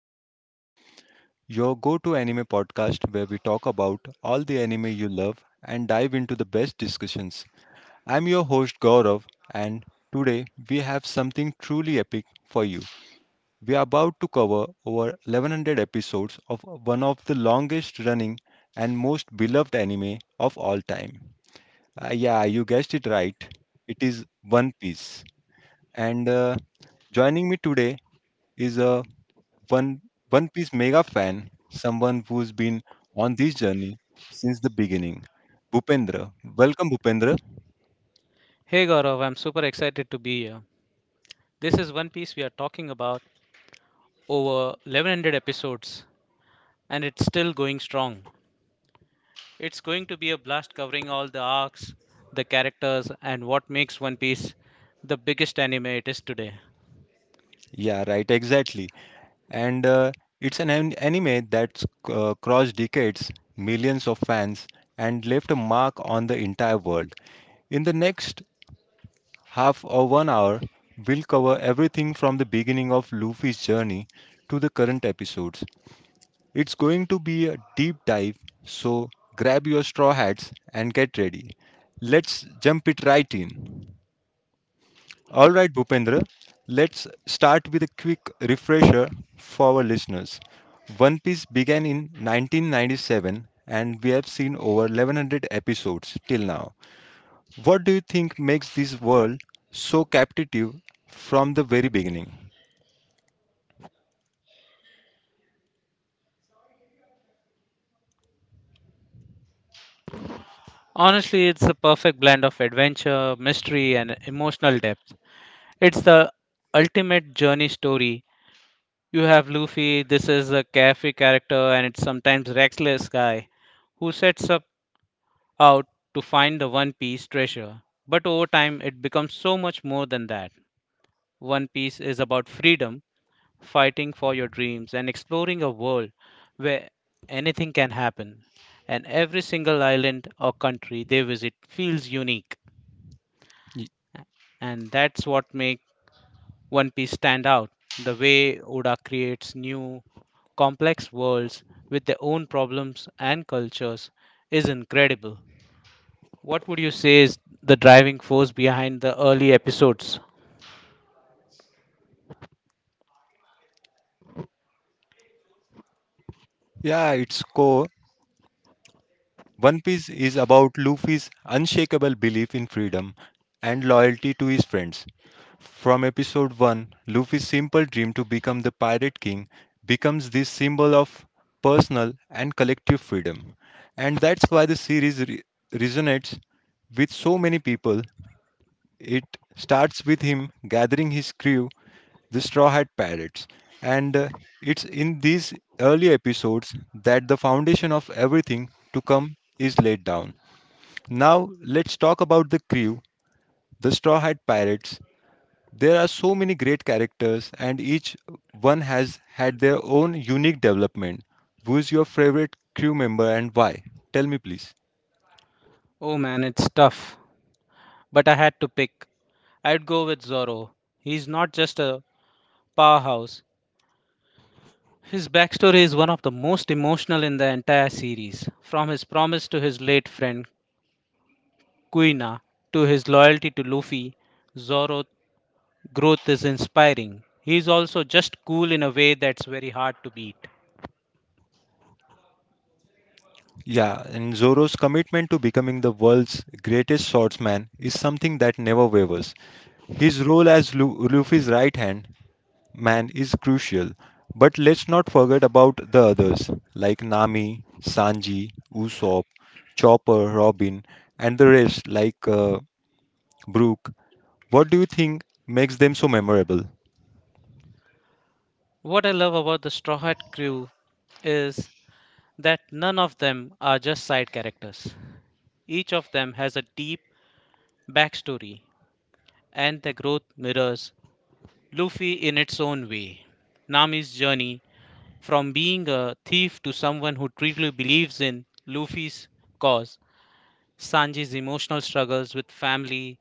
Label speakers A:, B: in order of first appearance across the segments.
A: of the Anime, your go to anime podcast where we talk about all the anime you love and dive into the best discussions. I'm your host Gaurav, and today we have something truly epic for you. We are about to cover over 1100 episodes of one of the longest running and most beloved anime of all time. Yeah, you guessed it right. It is One Piece. And Joining me today is a One One Piece mega fan, someone who's been on this journey since the beginning. Bhupendra, welcome Bhupendra.
B: Hey Gaurav, I'm super excited to be here. This is One Piece we are talking about, over 1100 episodes, and it's still going strong. It's going to be a blast covering all the arcs, the characters, and what makes One Piece the biggest anime it is today.
A: Yeah, right, exactly. And It's an anime that's crossed decades, millions of fans, and left a mark on the entire world. In the next half or 1 hour, we'll cover everything from the beginning of Luffy's journey to the current episodes. It's going to be a deep dive, so grab your straw hats and get ready. Let's jump it right in. All right, Bhupendra, let's start with a quick refresher for our listeners. One Piece began in 1997 and we have seen over 1100 episodes till now. What do you think makes this world so captivating from the very beginning?
B: Honestly, it's the perfect blend of adventure, mystery, and emotional depth. It's the ultimate journey story. You have Luffy, this is a carefree character, and it's sometimes reckless guy who sets up out to find the One Piece treasure. But over time, it becomes so much more than that. One Piece is about freedom, fighting for your dreams, and exploring a world where anything can happen. And every single island or country they visit feels unique.
A: Y-
B: And that's what makes One Piece stand out. The way Oda creates new, complex worlds with their own problems and cultures is incredible. What would you say is the driving force behind the early episodes?
A: Yeah, its core One Piece is about Luffy's unshakable belief in freedom and loyalty to his friends. From episode 1, Luffy's simple dream to become the Pirate King becomes this symbol of personal and collective freedom. And that's why the series resonates with so many people. It starts with him gathering his crew, the Straw Hat Pirates. And It's in these early episodes that the foundation of everything to come is laid down. Now, let's talk about the crew, the Straw Hat Pirates. There are so many great characters, and each one has had their own unique development. Who's your favorite crew member and why? Tell me, please.
B: Oh man, it's tough. But I had to pick. I'd go with Zorro. He's not just a powerhouse. His backstory is one of the most emotional in the entire series. From his promise to his late friend Kuina to his loyalty to Luffy, Zorro's growth is inspiring. He's also just cool in a way that's very hard to beat.
A: Yeah, and Zoro's commitment to becoming the world's greatest swordsman is something that never wavers. His role as Luffy's right hand man is crucial. But let's not forget about the others like Nami, Sanji, Usopp, Chopper, Robin, and the rest like Brooke. What do you think makes them so memorable?
B: What I love about the Straw Hat crew is that none of them are just side characters. Each of them has a deep backstory, and their growth mirrors Luffy in its own way. Nami's journey from being a thief to someone who truly believes in Luffy's cause, Sanji's emotional struggles with family,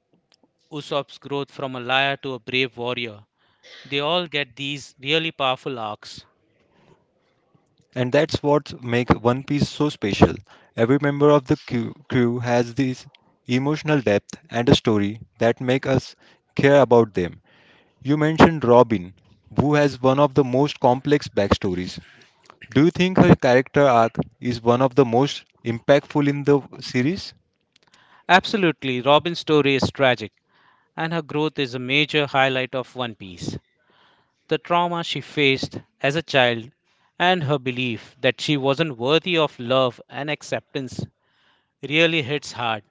B: Usopp's growth from a liar to a brave warrior, they all get these really powerful arcs.
A: And that's what makes One Piece so special. Every member of the crew has this emotional depth and a story that make us care about them. You mentioned Robin, who has one of the most complex backstories. Do you think her character arc is one of the most impactful in the series?
B: Absolutely, Robin's story is tragic, and her growth is a major highlight of One Piece. The trauma she faced as a child, and her belief that she wasn't worthy of love and acceptance really hits hard.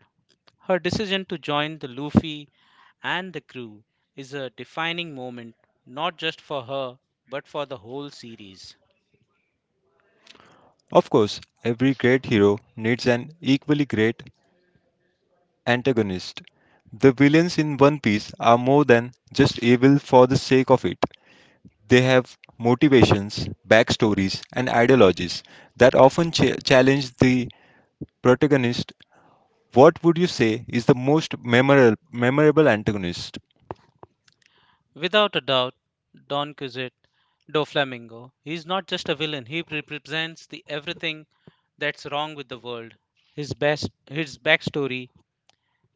B: Her decision to join the Luffy and the crew is a defining moment, not just for her but for the whole series.
A: Of course, every great hero needs an equally great antagonist. The villains in One Piece are more than just evil for the sake of it. They have motivations, backstories, and ideologies that often challenge the protagonist. What would you say is the memorable antagonist?
B: Without a doubt, Don Quixote, Doflamingo, he's not just a villain, he represents the everything that's wrong with the world. His best his backstory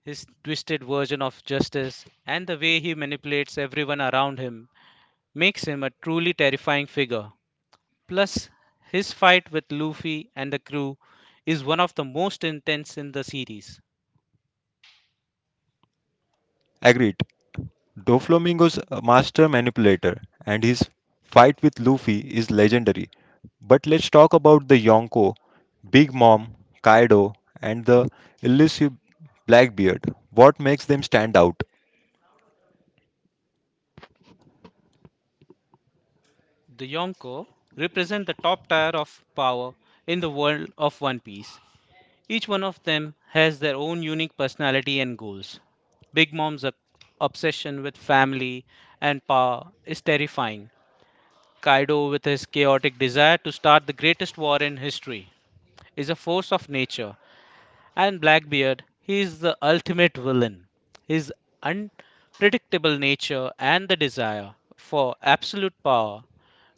B: His twisted version of justice and the way he manipulates everyone around him makes him a truly terrifying figure. Plus, his fight with Luffy and the crew is one of the most intense in the series.
A: Agreed. Doflamingo's a master manipulator, and his fight with Luffy is legendary. But let's talk about the Yonko, Big Mom, Kaido, and the elusive Blackbeard. What makes them stand out?
B: The Yonko represent the top tier of power in the world of One Piece. Each one of them has their own unique personality and goals. Big Mom's obsession with family and power is terrifying, Kaido, with his chaotic desire to start the greatest war in history, is a force of nature, and Blackbeard, he is the ultimate villain. His unpredictable nature and the desire for absolute power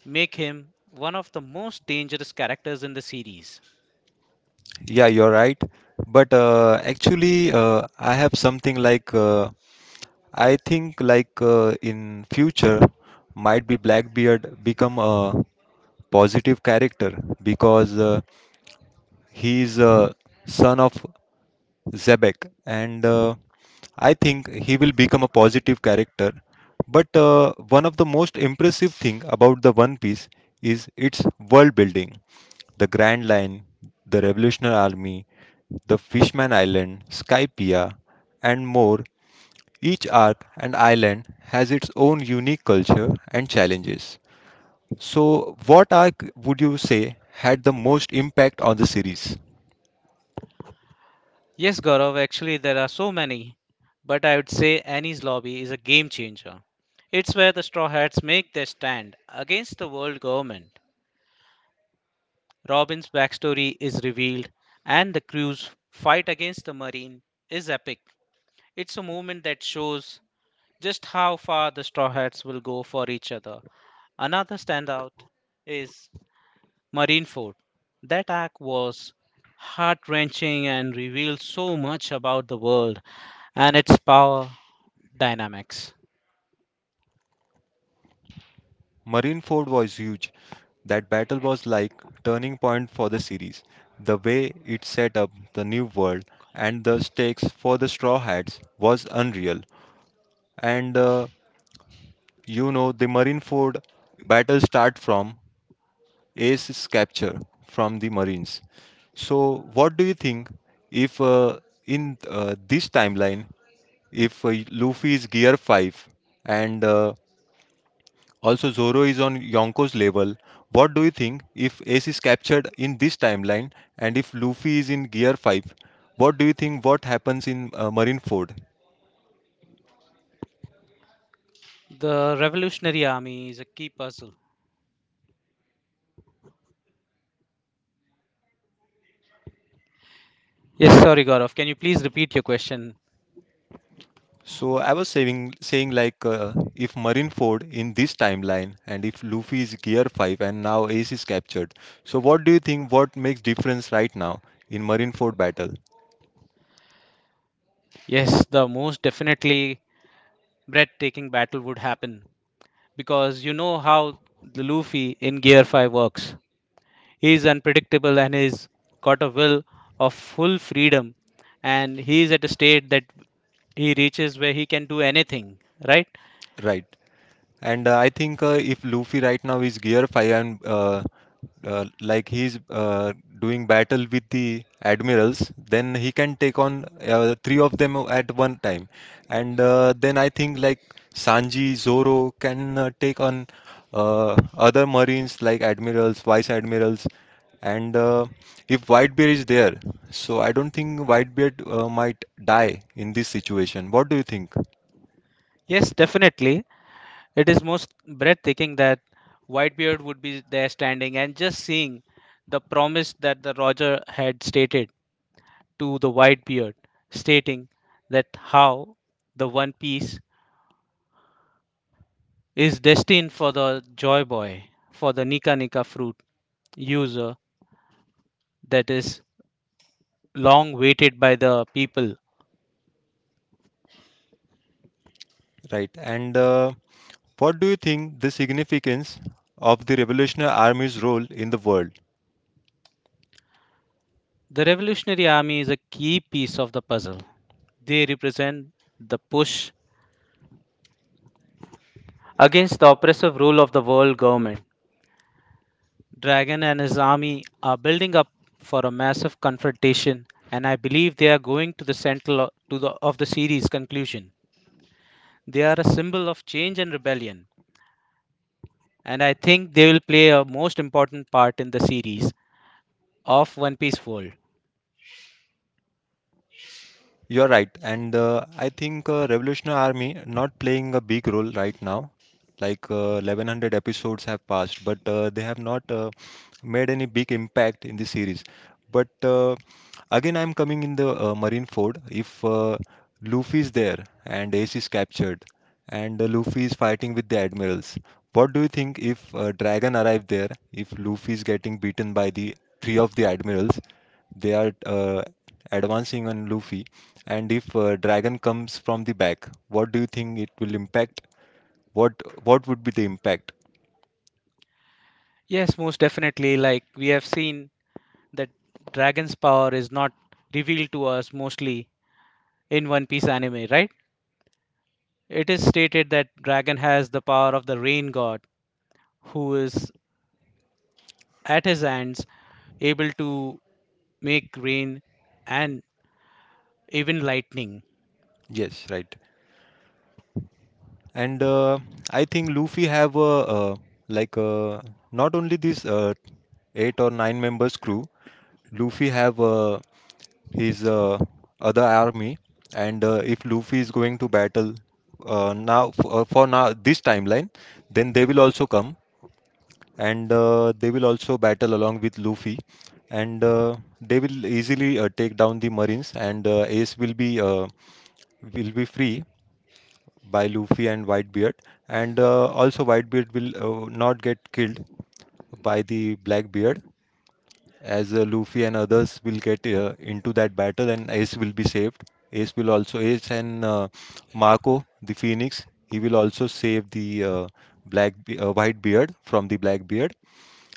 B: make him one of the most dangerous characters in the series.
A: Yeah, you're right. I have something like I think in future might be Blackbeard become a positive character because he is a son of Zebek, and I think he will become a positive character. But One of the most impressive thing about the One Piece is its world building. The Grand Line, the Revolutionary Army, the Fishman Island, Skypea, and more. Each arc and island has its own unique culture and challenges. So, what arc would you say had the most impact on the series?
B: Yes, Gaurav, actually, there are so many, but I would say Annie's Lobby is a game changer. It's where the Straw Hats make their stand against the world government. Robin's backstory is revealed, and the crew's fight against the Marine is epic. It's a moment that shows just how far the Straw Hats will go for each other. Another standout is Marineford. That arc was heart wrenching and revealed so much about the world and its power dynamics.
A: Marineford was huge. That battle was like turning point for the series. The way it set up the new world and the stakes for the Straw Hats was unreal. And You know the Marineford battle start from Ace's capture from the Marines. So what do you think if in this timeline if Luffy is gear 5 and also, Zoro is on Yonko's level. What do you think if Ace is captured in this timeline and if Luffy is in Gear 5? What do you think what happens in Marineford?
B: The Revolutionary Army is a key puzzle. Yes, sorry, Gaurav. Can you please repeat your question?
A: So I was saying if Marineford in this timeline and if Luffy is Gear 5 and now Ace is captured. So what do you think what makes difference right now in Marineford battle?
B: Yes, the most definitely breathtaking battle would happen, because you know how the Luffy in Gear 5 works. He is unpredictable, and he's got a will of full freedom, and he is at a state that he reaches where he can do anything, right?
A: Right. And I think if Luffy right now is Gear 5 and like he's doing battle with the admirals, then he can take on three of them at one time. And Then I think like Sanji, Zoro can take on other marines like admirals, vice admirals. And If Whitebeard is there, so I don't think Whitebeard might die in this situation. What do you think?
B: Yes, definitely. It is most breathtaking that Whitebeard would be there standing and just seeing the promise that the Roger had stated to the Whitebeard, stating that how the One Piece is destined for the Joy Boy, for the Nika Nika fruit user that is long waited by the people.
A: Right. And What do you think the significance of the Revolutionary Army's role in the world?
B: The Revolutionary Army is a key piece of the puzzle. They represent the push against the oppressive rule of the world government. Dragon and his army are building up for a massive confrontation, and I believe they are going to the central of the series conclusion. They are a symbol of change and rebellion, and I think they will play a most important part in the series of One Piece world.
A: You're right, and I think Revolutionary Army not playing a big role right now. 1100 episodes have passed, but they have not made any big impact in the series. But Again, I'm coming in the Marine Ford. If Luffy is there and Ace is captured, and Luffy is fighting with the admirals, what do you think if Dragon arrived there? If Luffy is getting beaten by the three of the admirals, they are advancing on Luffy, and if Dragon comes from the back, what do you think it will impact? What would be the impact?
B: Yes, most definitely. Like we have seen that Dragon's power is not revealed to us mostly in One Piece anime, right? It is stated that Dragon has the power of the rain god, who is at his hands able to make rain and even lightning.
A: Yes, right. And I think Luffy have a uh, like uh, not only this eight or nine members crew. Luffy have his other army, and if Luffy is going to battle for now this timeline, then they will also come. And they will also battle along with Luffy, and they will easily take down the Marines, and Ace will be free by Luffy and Whitebeard, and also Whitebeard will not get killed by the Blackbeard, as Luffy and others will get into that battle, and Ace will be saved. Ace will also Ace and Marco the Phoenix. He will also save the black white beard from the Blackbeard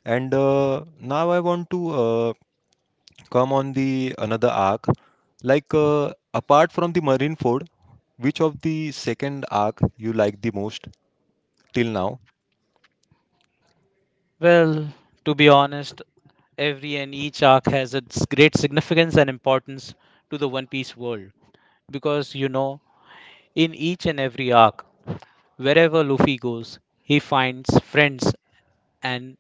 A: and now I want to come on the another arc. Apart from the Marineford, which of the second arc you like the most till now?
B: Well, to be honest, every and each arc has its great significance and importance to the One Piece world. Because, you know, in each and every arc, wherever Luffy goes, he finds friends, and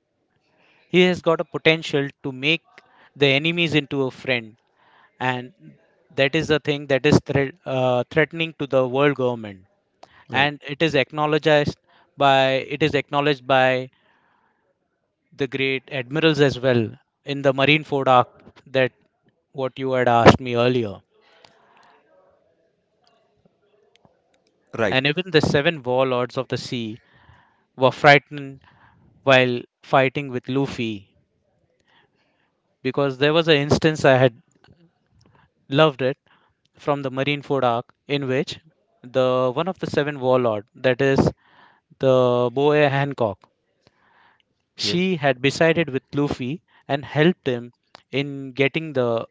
B: he has got a potential to make the enemies into a friend. And that is the thing that is threatening to the world government.
A: Right.
B: And it is acknowledged by the great admirals as well in the Marineford Arc, that what you had asked me earlier.
A: Right.
B: And even the seven warlords of the sea were frightened while fighting with Luffy, because there was an instance I had loved it from the Marineford Arc, in which the one of the seven warlord, that is the Boa Hancock,
A: Yes.
B: she had decided with Luffy and helped him in getting the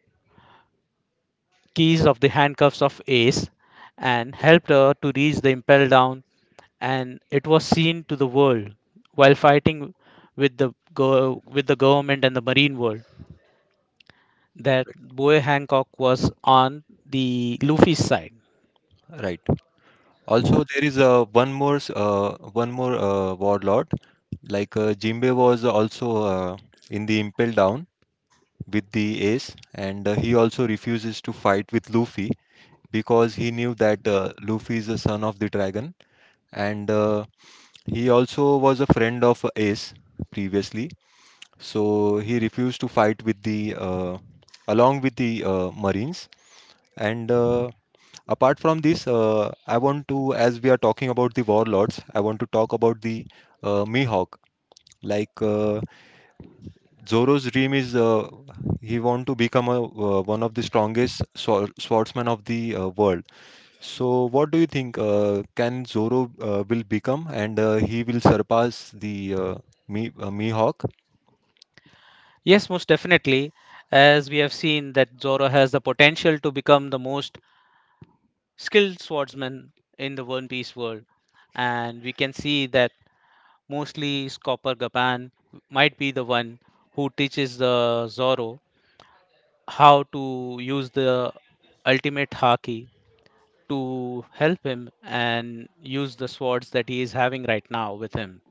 B: keys of the handcuffs of Ace and
A: Yes.
B: helped her to reach the Impel Down, and it was seen to the world, while fighting with the government and the Marine world, that Boy Hancock was on the Luffy's side.
A: Right. Also, there is one more warlord. Jinbe was also in the Impel Down with the Ace, and he also refuses to fight with Luffy because he knew that Luffy is the son of the dragon, and he also was a friend of Ace previously, so he refused to fight with the along with the Marines. And apart from this, I want to, as we are talking about the warlords, I want to talk about the Mihawk. Like uh, Zoro's dream is he want to become a, one of the strongest swordsmen of the world. So, what do you think? Can Zoro will become and he will surpass the Mi Mihawk,
B: Yes, most definitely, as we have seen that Zoro has the potential to become the most skilled swordsman in the One Piece world, and we can see that mostly Copper Gaban might be the one who teaches the Zoro how to use the ultimate haki, to help him and use the swords that he is having right now with him.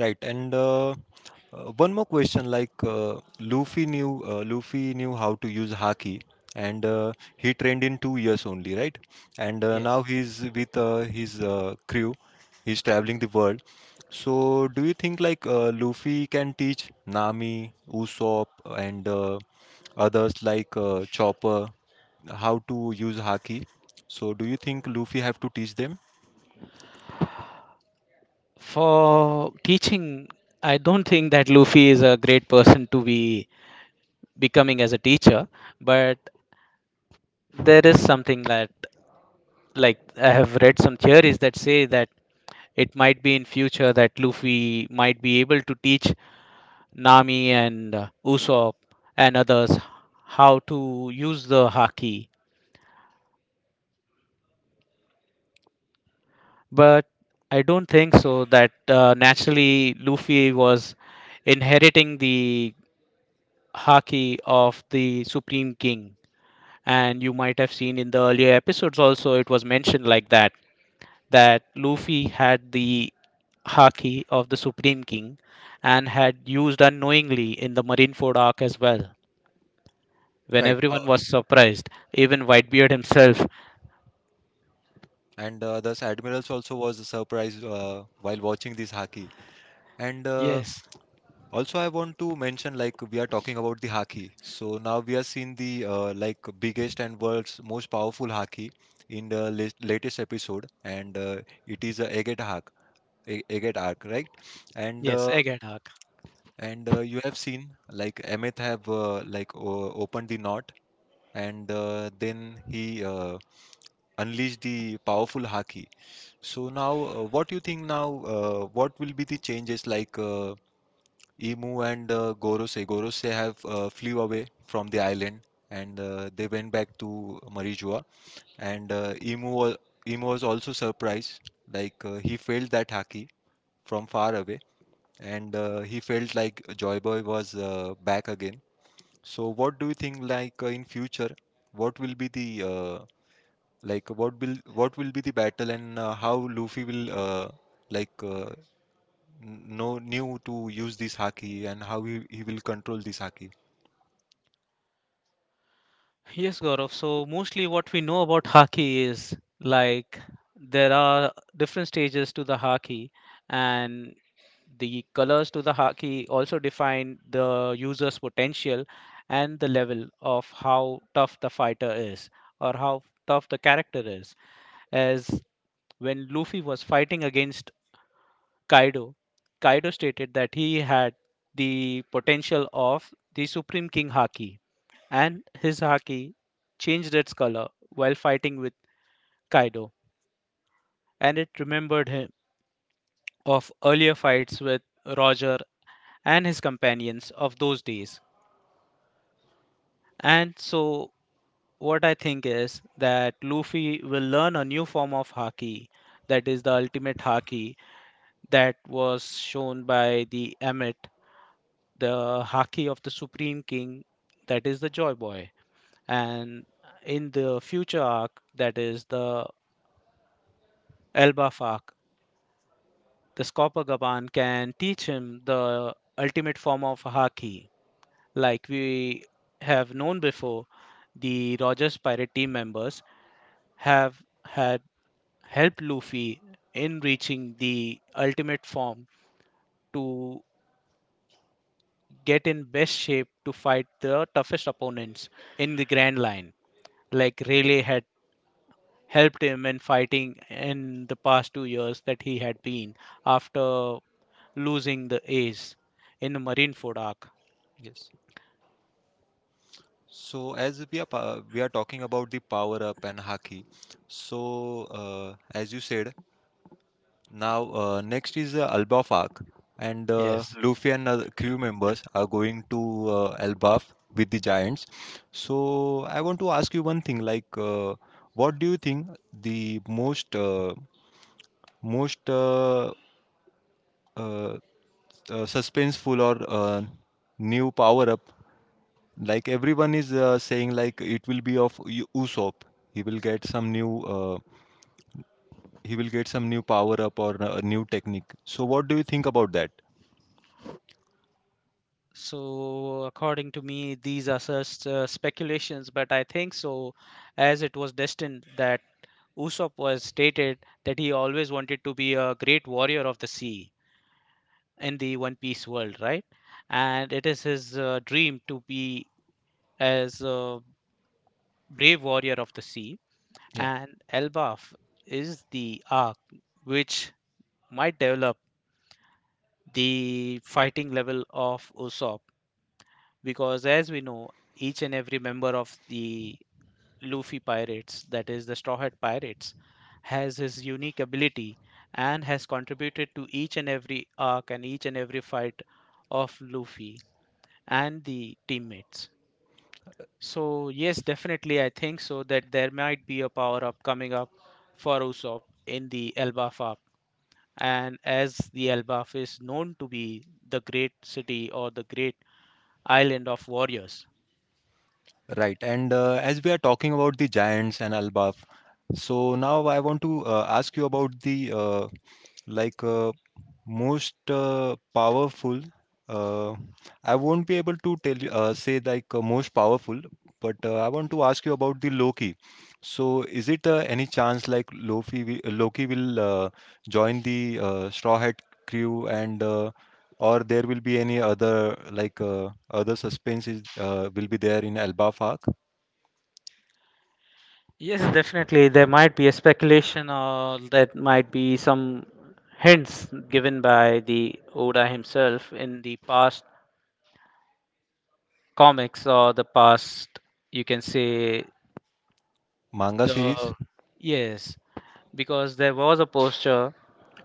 A: right? And One more question, like Luffy knew how to use Haki, and he trained in 2 years only, right? And
B: Yes.
A: now he's with his crew. He's traveling the world. So, do you think Luffy can teach Nami, Usopp, and others like Chopper? How to use haki. So do you think Luffy have to teach them?
B: For teaching, I don't think that Luffy is a great person to be becoming as a teacher, but there is something that, like, I have read some theories that say that it might be in future that Luffy might be able to teach Nami and Usopp and others how to use the haki. But I don't think so that naturally Luffy was inheriting the haki of the Supreme King. And you might have seen in the earlier episodes also, it was mentioned like that, that Luffy had the haki of the Supreme King and had used unknowingly in the Marineford arc as well, when
A: Right.
B: everyone was surprised, even Whitebeard himself.
A: And Thus admirals also was surprised while watching this haki. And
B: Yes,
A: Also I want to mention like we are talking about the haki. So now we are seeing the like biggest and world's most powerful haki in the latest episode, and it is a Egghead Hak, Egghead Arc, right? And
B: yes,
A: uh,
B: egg and Hak.
A: and You have seen like Emmett have opened the knot and then he unleashed the powerful haki. So now, what do you think now, what will be the changes like, emu and gorosei have flew away from the island and they went back to marijua and emu was also surprised like he felt that haki from far away and he felt like joyboy was back again. So what do you think in future what will be the uh, what will be the battle and how Luffy will like n- know knew to use this haki and how he will control this haki.
B: Yes, Gaurav. So mostly what we know about Haki is, like, there are different stages to the Haki, and the colors to the Haki also define the user's potential and the level of how tough the fighter is or how tough the character is. As when Luffy was fighting against Kaido, Kaido stated that he had the potential of the Supreme King Haki, and his haki changed its color while fighting with Kaido, and it remembered him of earlier fights with Roger and his companions of those days. And so, what I think is that Luffy will learn a new form of haki, that is the ultimate haki that was shown by the Emmet, the haki of the Supreme King, that is the Joy Boy. And in the future arc, that is the Elbaf arc, this copper Gaban can teach him the ultimate form of Haki. Like we have known before, the Rogers Pirate team members have had helped Luffy in reaching the ultimate form to get in best shape to fight the toughest opponents in the Grand Line. Like
A: Wait,
B: Rayleigh had helped him in fighting in the past 2 years that he had been after losing the ace in the Marineford arc.
A: yes. So as we are talking about the power up and haki. So uh, as you said, Now, next is Albafak, and
B: Yes.
A: Luffy and other crew members are going to Albaf with the Giants. So, I want to ask you one thing, what do you think the most most uh, uh, suspenseful or new power up? Like everyone is saying, like it will be of Usopp. He will get some new. He will get some new power up or a new technique. So, what do you think about that?
B: So, according to me, these are just speculations, but I think so, as it was destined that Usopp was stated that he always wanted to be a great warrior of the sea in the One Piece world, right? And it is his dream to be as a brave warrior of the sea.
A: Yeah.
B: And Elbaf is the arc which might develop the fighting level of Usopp, because as we know, each and every member of the Luffy Pirates, that is the Straw Hat Pirates, has his unique ability and has contributed to each and every arc and each and every fight of Luffy and the teammates. So, yes, definitely, I think so that there might be a power up coming up for Usopp in the Elbaf arc. And as the Elbaf is known to be the great city or the great island of warriors,
A: Right. And as we are talking about the Giants and Al Baaf, so now I want to ask you about the like uh, most powerful. Uh, I won't be able to tell you, say like most powerful, but I want to ask you about the Loki. So is it any chance like Loki will join the Straw Hat crew and or there will be any other like other suspenses will be there in Al Baaf arc?
B: yes, definitely. There might be a speculation or that might be some hints given by the Oda himself in the past comics or the past, you can say,
A: Manga
B: the.
A: series?
B: Yes, because there was a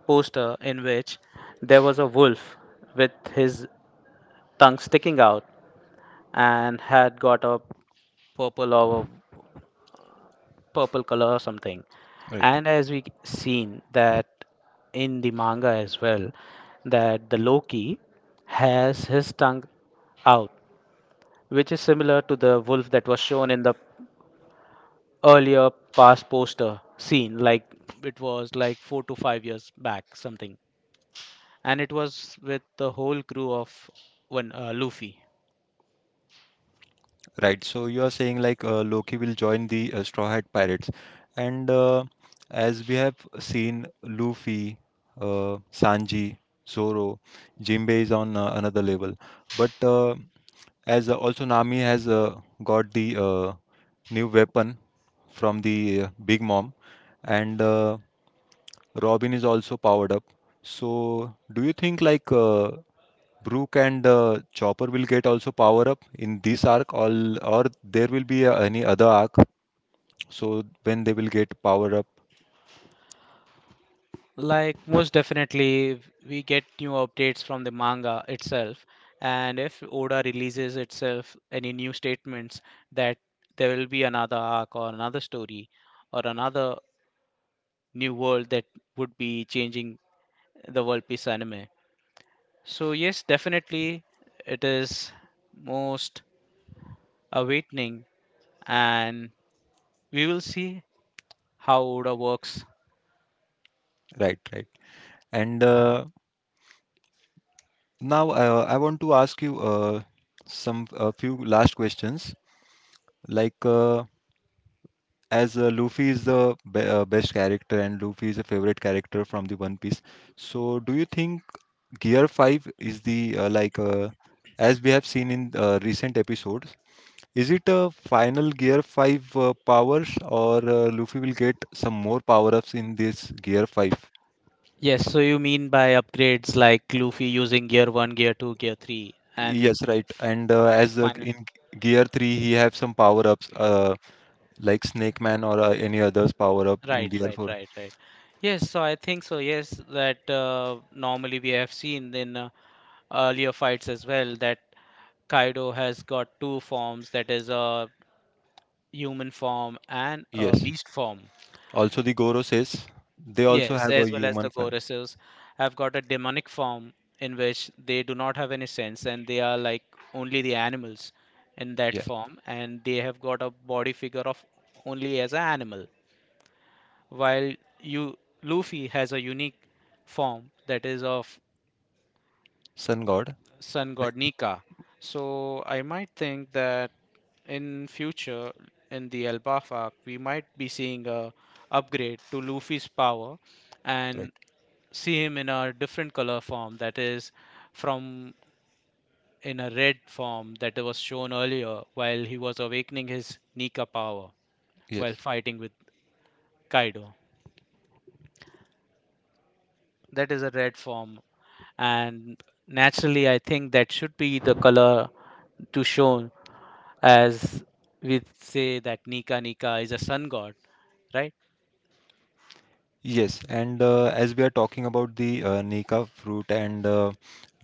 B: poster in which there was a wolf with his tongue sticking out and had got a purple or purple color or something.
A: Right.
B: And as we seen that in the manga as well, that the Loki has his tongue out, which is similar to the wolf that was shown in the earlier past poster scene, like it was like 4 to 5 years back, something. And it was with the whole crew of one Luffy.
A: Right. So you are saying like Loki will join the Straw Hat Pirates. And as we have seen Luffy, Sanji, Zoro, Jinbei is on another level. But as also Nami has got the new weapon from the Big Mom and Robin is also powered up. So do you think like Brook and Chopper will get also power up in this arc, all or there will be any other arc. So when they will get power up,
B: Like, most definitely, we get new updates from the manga itself. And if Oda releases itself any new statements that there will be another arc or another story or another new world that would be changing the World Peace anime. So, yes, definitely, it is most awakening, and we will see how Oda works.
A: right, right. And now I want to ask you some a few last questions. Like as Luffy is the be best character and Luffy is a favorite character from the One Piece. So do you think Gear Five is the as we have seen in recent episode? Is it a final Gear 5 powers or Luffy will get some more power-ups in this Gear 5?
B: Yes, so you mean by upgrades like Luffy using gear 1, gear 2, gear 3 and
A: Yes, right.
B: f-
A: And as
B: final,
A: in Gear 3 he have some power-ups like Snake Man or any others power-up in
B: right,
A: Gear
B: right,
A: 4.
B: right, right. Yes, so I think so. Yes, that normally we have seen in earlier fights as well that Kaido has got two forms, that is a human form and a
A: Yes.
B: beast form.
A: Also the Goro says they also
B: Yes,
A: have a
B: as well as the
A: human fam.
B: goddesses have got a demonic form in which they do not have any sense and they are like only the animals in that
A: Yeah.
B: form and they have got a body figure of only as an animal. While you Luffy has a unique form that is of
A: Sun God.
B: sun
A: Right?
B: god Nika. So I might think that in future in the Alpha arc we might be seeing a upgrade to Luffy's power and
A: Right.
B: see him in a different color form that is from in a red form that was shown earlier while he was awakening his Nika power while
A: Yes.
B: fighting with Kaido. That is a red form and naturally I think that should be the color to shown as we say that Nika Nika is a sun god, right?
A: Yes, and as we are talking about the Nika fruit and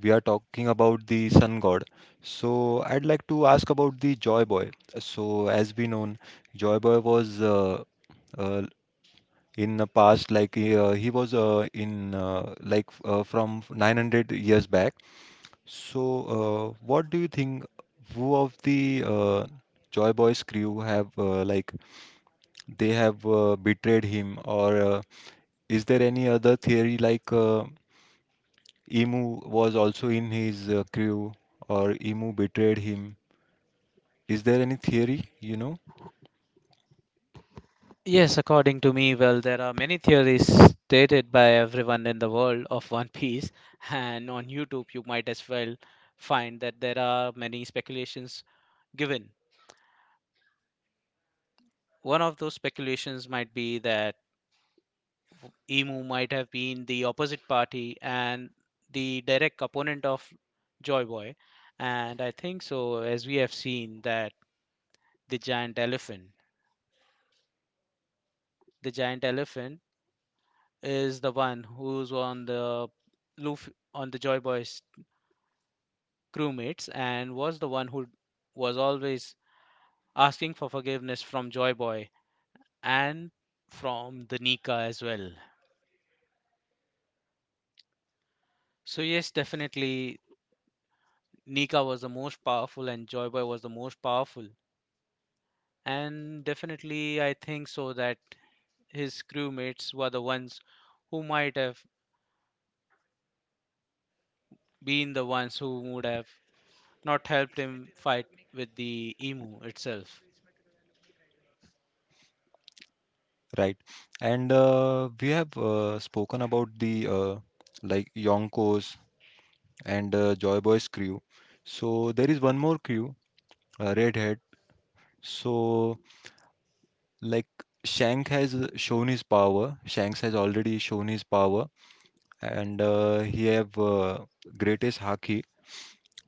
A: we are talking about the sun god, so I'd like to ask about the Joy Boy. So, as we know, Joy Boy was uh, in the past, like he was in like from 900 years back. So, what do you think? Who of the Joy Boy's crew have like they have betrayed him or? Is there any other theory like Emu was also in his crew or Emu betrayed him? Is there any theory, you know?
B: Yes, according to me, well, there are many theories stated by everyone in the world of One Piece, and on YouTube, you might as well find that there are many speculations given. One of those speculations might be that Emu might have been the opposite party and the direct opponent of Joy Boy, and I think so, as we have seen that the giant elephant, the giant elephant is the one who's on the Joy Boy's crewmates and was the one who was always asking for forgiveness from Joy Boy and from the Nika as well. So yes, definitely Nika was the most powerful and Joy Boy was the most powerful. And definitely I think so that his crewmates were the ones who might have been the ones who would have not helped him fight with the emu itself.
A: Right. And we have spoken about the like Yonkos and Joy Boy's crew. So there is one more crew, Redhead. So like Shank has shown his power. Shanks has already shown his power and he have greatest haki.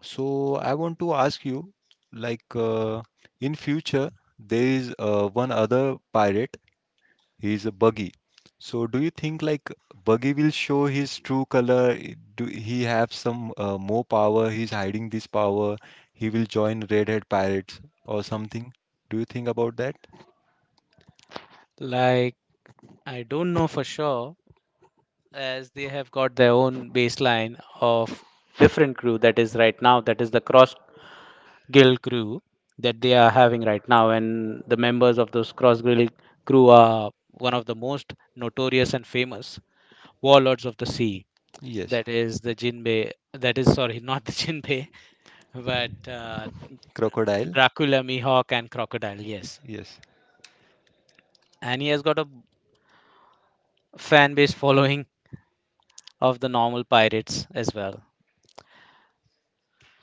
A: So I want to ask you, like in future, there is one other pirate. He is a Buggy. So do you think like Buggy will show his true color? Do he have some more power? He's hiding this power. He will join Red Hat Pirates or something. Do you think about that?
B: Like, I don't know for sure, as they have got their own baseline of different crew that is right now, that is the cross guild crew that they are having right now, and the members of those cross guild crew are one of the most notorious and famous warlords of the sea,
A: Yes.
B: that is the jinbei that is sorry, not the jinbei, but
A: Crocodile.
B: Dracula Mihawk and Crocodile, yes,
A: Yes.
B: and he has got a fan base following of the normal pirates as well.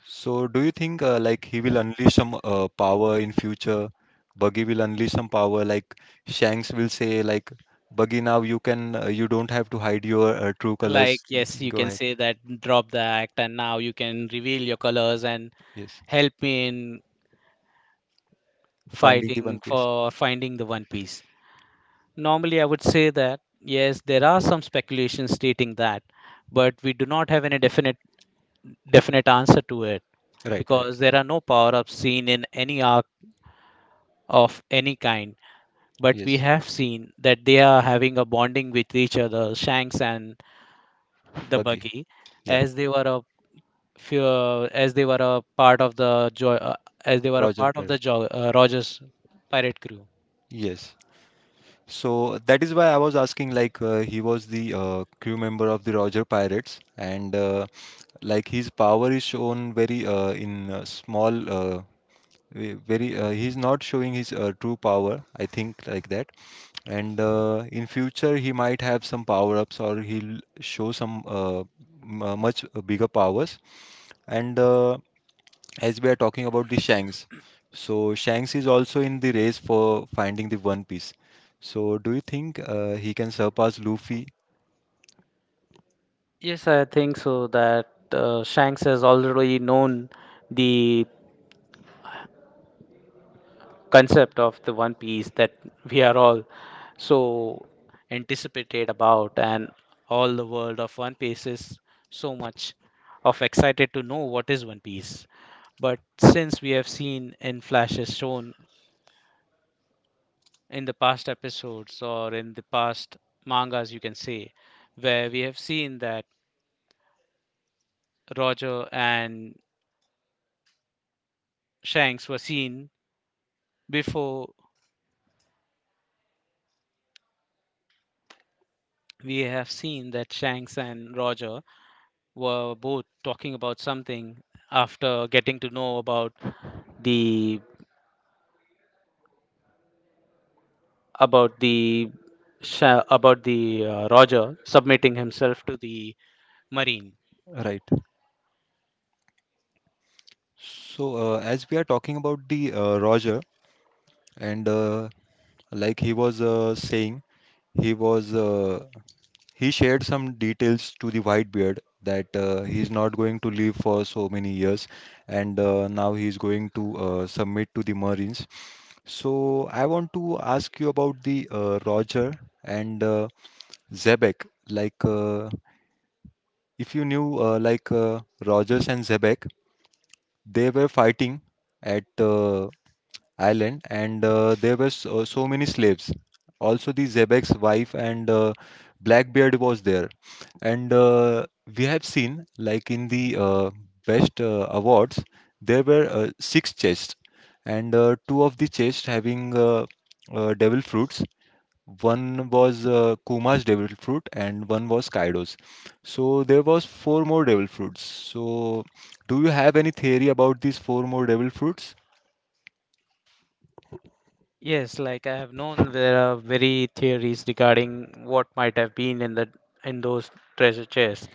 A: So, do you think like he will unleash some power in future? Buggy will unleash some power, like Shanks will say, like Buggy, now you can, you don't have to hide your true
B: Like,
A: colors. You
B: yes,
A: can
B: you
A: go
B: can
A: ahead.
B: say that drop the act, and now you can reveal your colors and
A: Yes,
B: help me in
A: finding the One
B: fighting
A: Piece.
B: for finding the One Piece. Normally, I would say that yes, there are some speculations stating that, but we do not have any definite answer to it
A: Right, right.
B: because there are no power-ups seen in any arc of any kind. But we
A: Yes,
B: have seen that they are having a bonding with each other, Shanks and the
A: Buggy.
B: Buggy,
A: Yeah,
B: as they were as they were a part of the jo- as they were a
A: Roger
B: part of the
A: Pirate.
B: jo- Rogers pirate crew.
A: Yes. So that is why I was asking, like he was the crew member of the Roger Pirates, and like his power is shown very very he's not showing his true power, I think like that, and in future he might have some power ups or he'll show some much bigger powers, and as we are talking about the Shanks, so Shanks is also in the race for finding the One Piece. So do you think he can surpass Luffy?
B: Yes, I think so that Shanks has already known the concept of the One Piece that we are all so anticipated about, and all the world of One Piece is so much of excited to know what is One Piece. But since we have seen in flashes shown in the past episodes or in the past mangas, you can say, where we have seen that Roger and Shanks were seen before, we have seen that Shanks and Roger were both talking about something after getting to know about the the Roger submitting himself to the Marine.
A: Right. So as we are talking about the Roger and like he was saying he was He shared some details to the Whitebeard that he's not going to live for so many years, and now he's going to submit to the Marines. So I want to ask you about the Roger and Zebek. If you knew, Rogers and Zebek, they were fighting at island, and there were so, so many slaves. Also, the Zebek's wife and Blackbeard was there. And we have seen, like in the Best Awards, there were six chests, and two of the chests having devil fruits. One was Kuma's devil fruit, and one was Kaido's. So there was four more devil fruits. So, do you have any theory about these four more devil fruits?
B: Yes, like I have known there are very theories regarding what might have been in the in those treasure chests.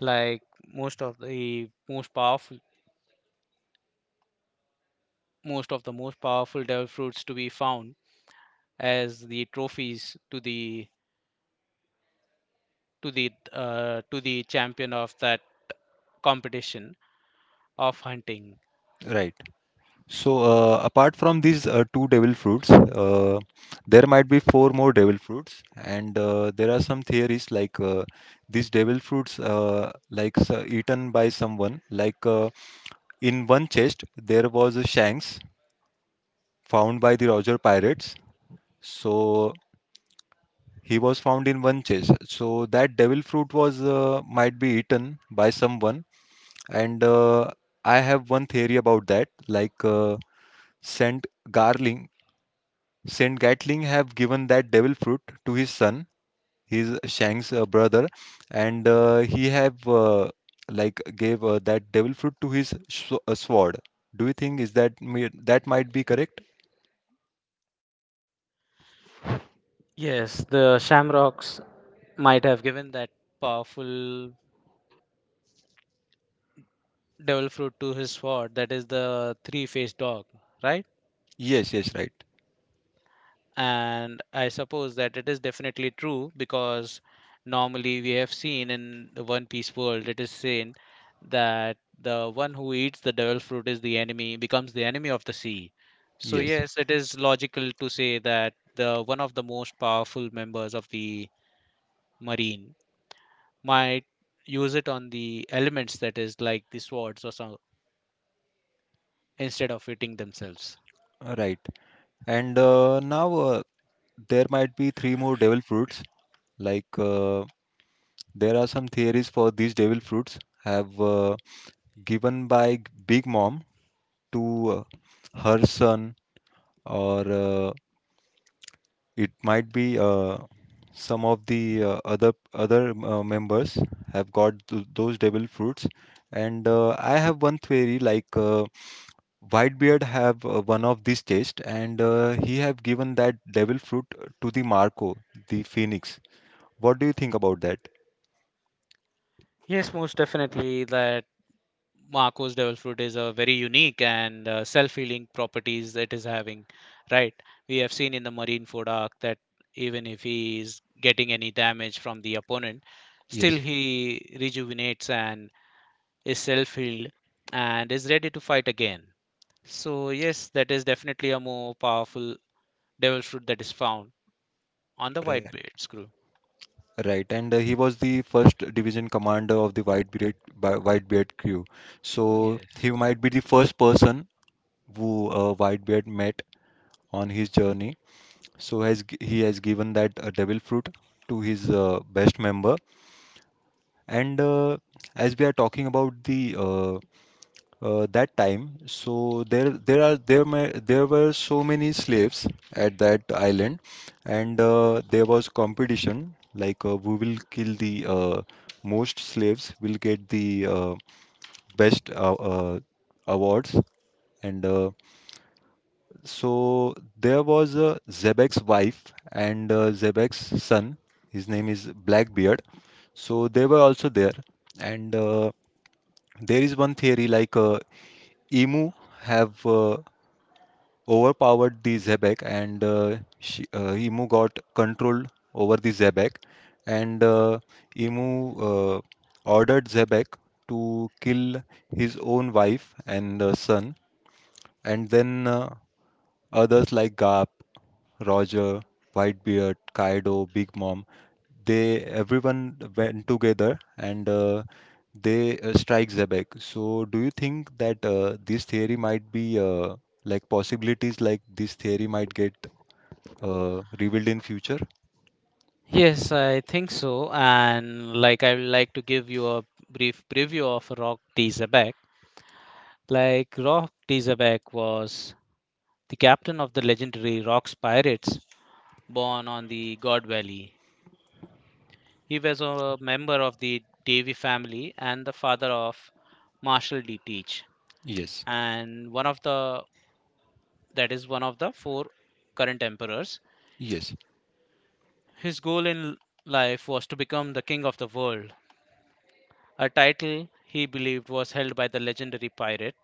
B: Like most of the most powerful most of the most powerful devil fruits to be found as the trophies to the to the champion of that competition of hunting.
A: Right. So, apart from these two devil fruits, there might be four more devil fruits, and there are some theories like these devil fruits, eaten by someone. Like in one chest, there was a Shanks found by the Roger pirates. So he was found in one chest. So that devil fruit was might be eaten by someone, and I have one theory about that, like Saint Garling. Saint Gatling have given that devil fruit to his son, his Shang's brother, and he have like gave that devil fruit to his sword. Do you think is that might be correct?
B: Yes, the shamrocks might have given that powerful devil fruit to his sword, that is the three-faced dog, right?
A: Yes, yes, right.
B: And I suppose that it is definitely true because normally we have seen in the One Piece world, it is seen that the one who eats the devil fruit is the enemy, becomes the enemy of the sea. So
A: Yes,
B: yes, it is logical to say that the one of the most powerful members of the marine might use it on the elements, that is like the swords or so, instead of eating themselves.
A: right. And now there might be three more devil fruits. Like there are some theories for these devil fruits have given by Big Mom to her son or it might be some of the other other members have got those devil fruits, and I have one theory like Whitebeard have one of these taste, and he have given that devil fruit to the Marco, the Phoenix. What do you think about that?
B: Yes, most definitely that Marcos devil fruit is a very unique and self-healing properties it is having, right? We have seen in the marine Fodak that even if he is getting any damage from the opponent, still
A: Yes,
B: he rejuvenates and is self-healed and is ready to fight again. So yes, that is definitely a more powerful devil fruit that is found on the white
A: right.
B: blade screw.
A: Right. And he was the first division commander of the Whitebeard, Whitebeard crew. So
B: Yes.
A: he might be the first person who Whitebeard met on his journey. So he has given that devil fruit to his best member. And as we are talking about the that time, so there are there may, there were so many slaves at that island, and there was competition like who will kill the most slaves will get the best awards, and so there was Zebek's wife and Zebek's son. His name is Blackbeard. So they were also there. And there is one theory like Emu have overpowered the Zebek and Emu got control over the Zebek. And Emu ordered Zebek to kill his own wife and son. And then others like Gap. Roger, Whitebeard, Kaido, Big Mom. They everyone went together and they strike Zebek. So, do you think that this theory might be like possibilities like this theory might get revealed in future?
B: Yes, I think so. And like I would like to give you a brief preview of Rock D. Like Rock Tizabek was the captain of the legendary Rocks Pirates, born on the God Valley. He was a member of the Davy family and the father of Marshal D. Teach,
A: Yes,
B: and one of the, that is one of the four current emperors.
A: yes,
B: His goal in life was to become the king of the world, a title he believed was held by the legendary pirate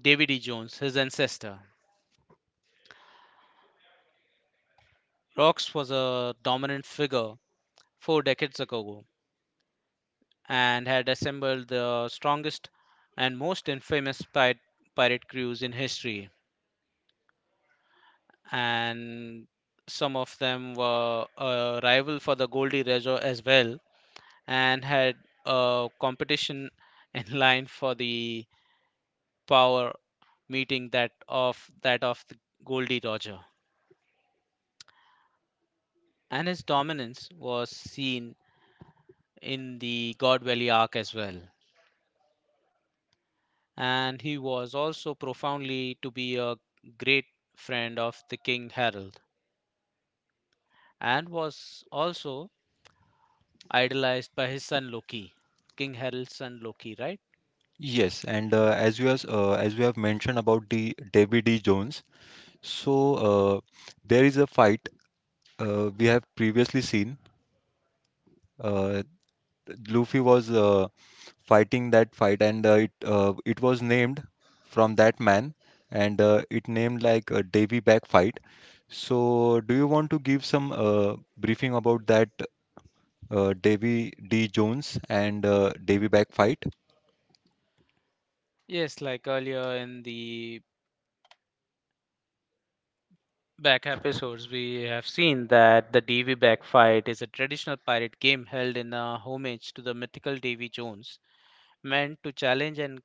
B: David E. Jones, his ancestor. Rox was a dominant figure four decades ago and had assembled the strongest and most infamous pirate crews in history. And some of them were a rival for the Goldie Roger as well, and had a competition in line for the power, meeting that of the Goldie Roger. And his dominance was seen in the God Valley arc as well. And he was also profoundly to be a great friend of the King Harald and was also idolized by his son Loki, King Harald's son Loki, right?
A: yes, and as you have mentioned about the David E. Jones, so uh, there is a fight we have previously seen. Uh, Luffy was fighting that fight, and it was named from that man, and it named like a Davy Back fight. So, do you want to give some briefing about that Davy D. Jones and Davy Back fight?
B: Yes, like earlier in the back episodes, we have seen that the Davy Back fight is a traditional pirate game held in a homage to the mythical Davy Jones, meant to challenge and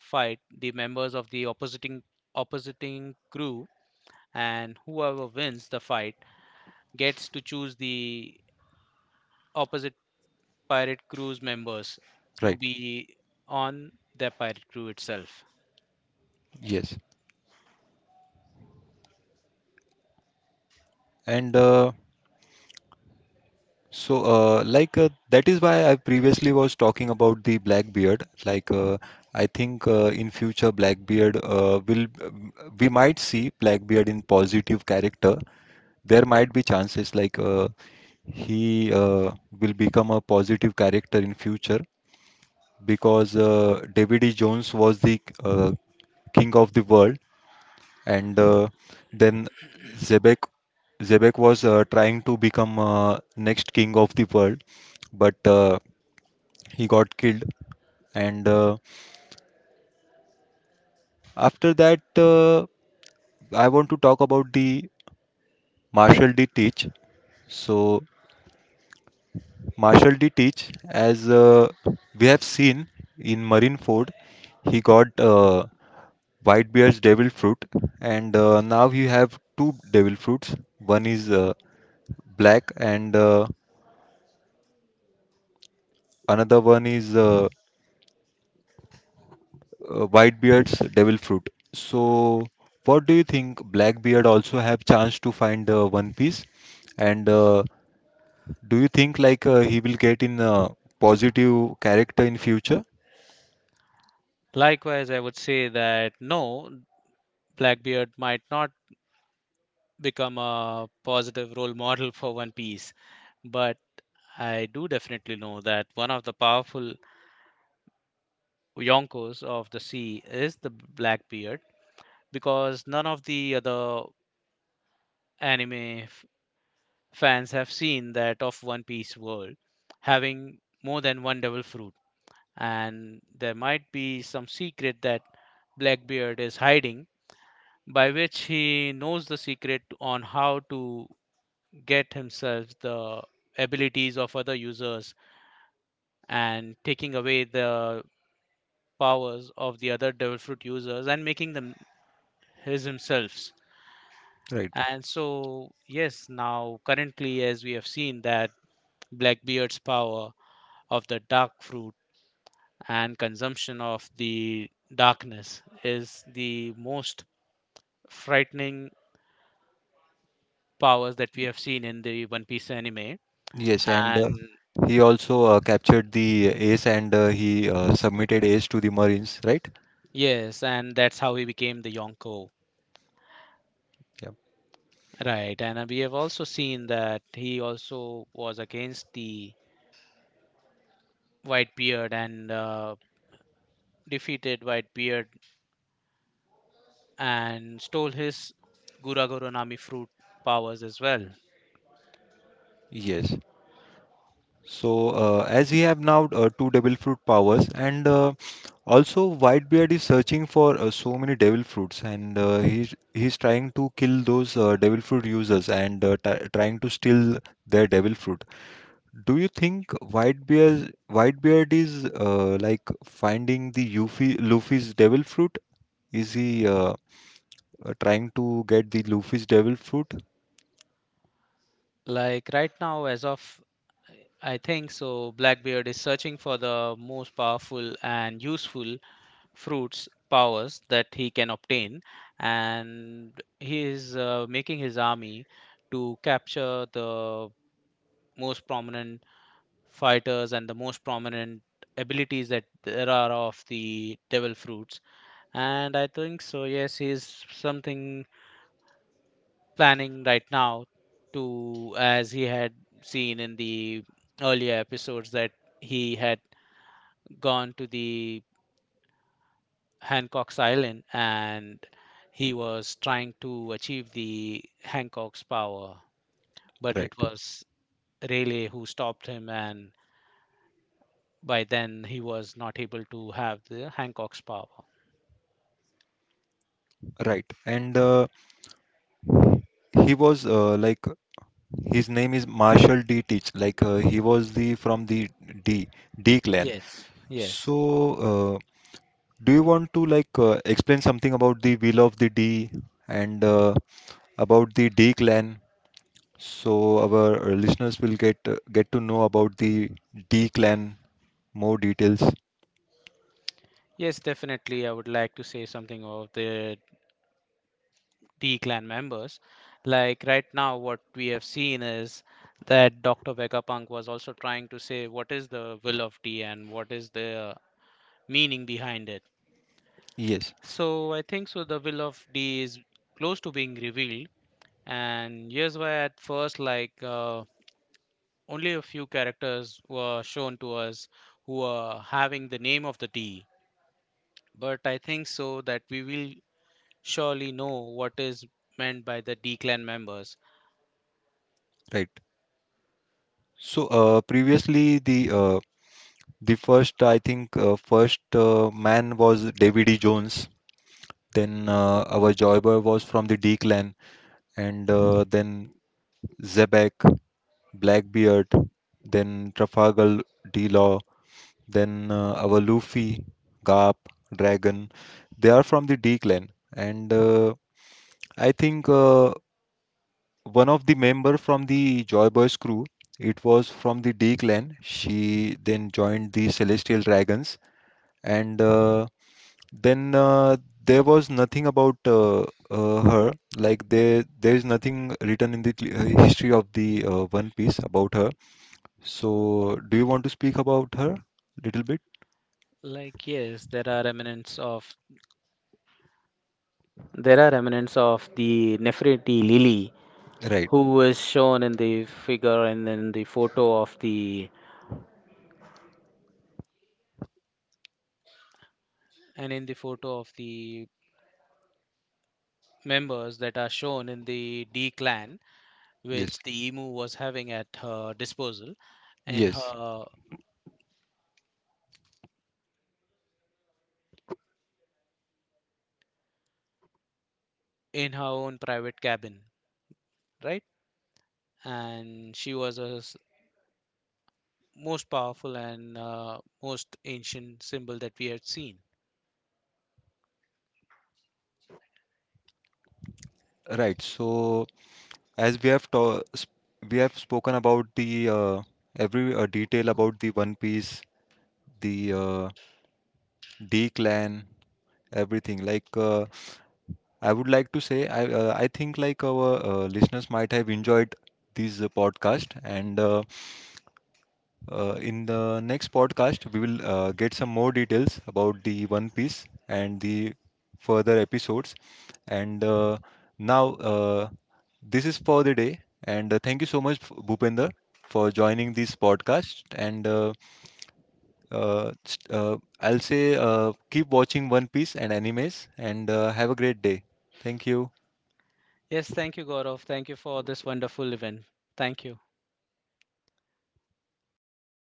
B: fight the members of the oppositing crew, and whoever wins the fight gets to choose the opposite pirate crew's members to
A: Right.
B: be on their pirate crew itself.
A: Yes. And so, that is why I previously was talking about the Blackbeard. I think in future Blackbeard will we might see Blackbeard in positive character. There might be chances like he will become a positive character in future because David E. Jones was the king of the world, and then Zebek Zebek was trying to become next king of the world, but. He got killed, and after that I want to talk about the Marshall D. Teach. So Marshall D. Teach, as we have seen in Marine Ford, he got white bear's devil fruit, and now you have two devil fruits. One is black and another one is white beard's devil fruit. So what do you think, Blackbeard also have chance to find One Piece, and do you think like he will get in a positive character in future?
B: Likewise, I would say that no, Blackbeard might not become a positive role model for One Piece, but I do definitely know that one of the powerful Yonkos of the sea is the Blackbeard, because none of the other anime fans have seen that of One Piece world having more than one devil fruit. And there might be some secret that Blackbeard is hiding, by which he knows the secret on how to get himself the abilities of other users and taking away the powers of the other devil fruit users and making them his himselfs.
A: Right.
B: And so, yes, now currently, as we have seen, that Blackbeard's power of the dark fruit and consumption of the darkness is the most frightening powers that we have seen in the One Piece anime.
A: Yes, and
B: And
A: he also captured the Ace, and he submitted Ace to the Marines, right?
B: yes, and that's how he became the Yonko.
A: Yeah.
B: Right, and we have also seen that he also was against the Whitebeard and defeated Whitebeard and stole his Guragoro Nami fruit powers as well.
A: Yes. So, as he have now two devil fruit powers, and also Whitebeard is searching for so many devil fruits, and he's trying to kill those devil fruit users and t trying to steal their devil fruit. Do you think Whitebeard is like finding the Yuffie, Luffy's devil fruit? Is he trying to get the Luffy's devil fruit?
B: Like right now, as of, I think so, Blackbeard is searching for the most powerful and useful fruits powers that he can obtain, and he is making his army to capture the most prominent fighters and the most prominent abilities that there are of the devil fruits. And I think so, yes, he is something planning right now, to, as he had seen in the earlier episodes, that he had gone to the Hancock's Island, and he was trying to achieve the Hancock's power, but
A: Right,
B: it was Rayleigh who stopped him, and by then he was not able to have the Hancock's power.
A: right. And he was like his name is Marshall D. Teach. Like he was the from the D D clan.
B: Yes, yes,
A: So uh, do you want to like explain something about the will of the D and about the D clan, so our listeners will get to know about the D clan more details.
B: yes, definitely. I would like to say something of the D clan members. Like right now, what we have seen is that Dr. Vegapunk was also trying to say what is the will of D and what is the meaning behind it.
A: Yes,
B: So I think so the will of D is close to being revealed, and here's why: at first, like only a few characters were shown to us who are having the name of the D. But I think so that we will surely know what is meant by the D clan members.
A: right. So previously the first, I think, first man was David E. Jones. Then our Joy was from the D clan, and then Zebek, Blackbeard, then Trafalgar D. Law, then our Luffy, Garp, Dragon. They are from the D clan, and I think. One of the member from the Joy Boys crew. It was from the D clan. She then joined the Celestial Dragons, and then there was nothing about her. Like there is nothing written in the history of the One Piece about her. So, do you want to speak about her little bit?
B: Like, yes, there are remnants of there are remnants of the Nefertiti Lily
A: Right.
B: who was shown in the figure and in the photo of the and in the photo of the members that are shown in the D clan,
A: Yes.
B: which the emu was having at her disposal in
A: Yes.
B: her own private cabin, right? And she was a most powerful and most ancient symbol that we had seen.
A: Right. So, as we have spoken about the every detail about the One Piece, the D clan, everything. Like I would like to say, I think like our listeners might have enjoyed this podcast, and in the next podcast we will get some more details about the One Piece and the further episodes. And now this is for the day, and thank you so much, Bhupender, for joining this podcast and. I'll say keep watching One Piece and animes and have a great day. Thank you.
B: Yes, thank you, Gaurav. Thank you for this wonderful event. Thank you.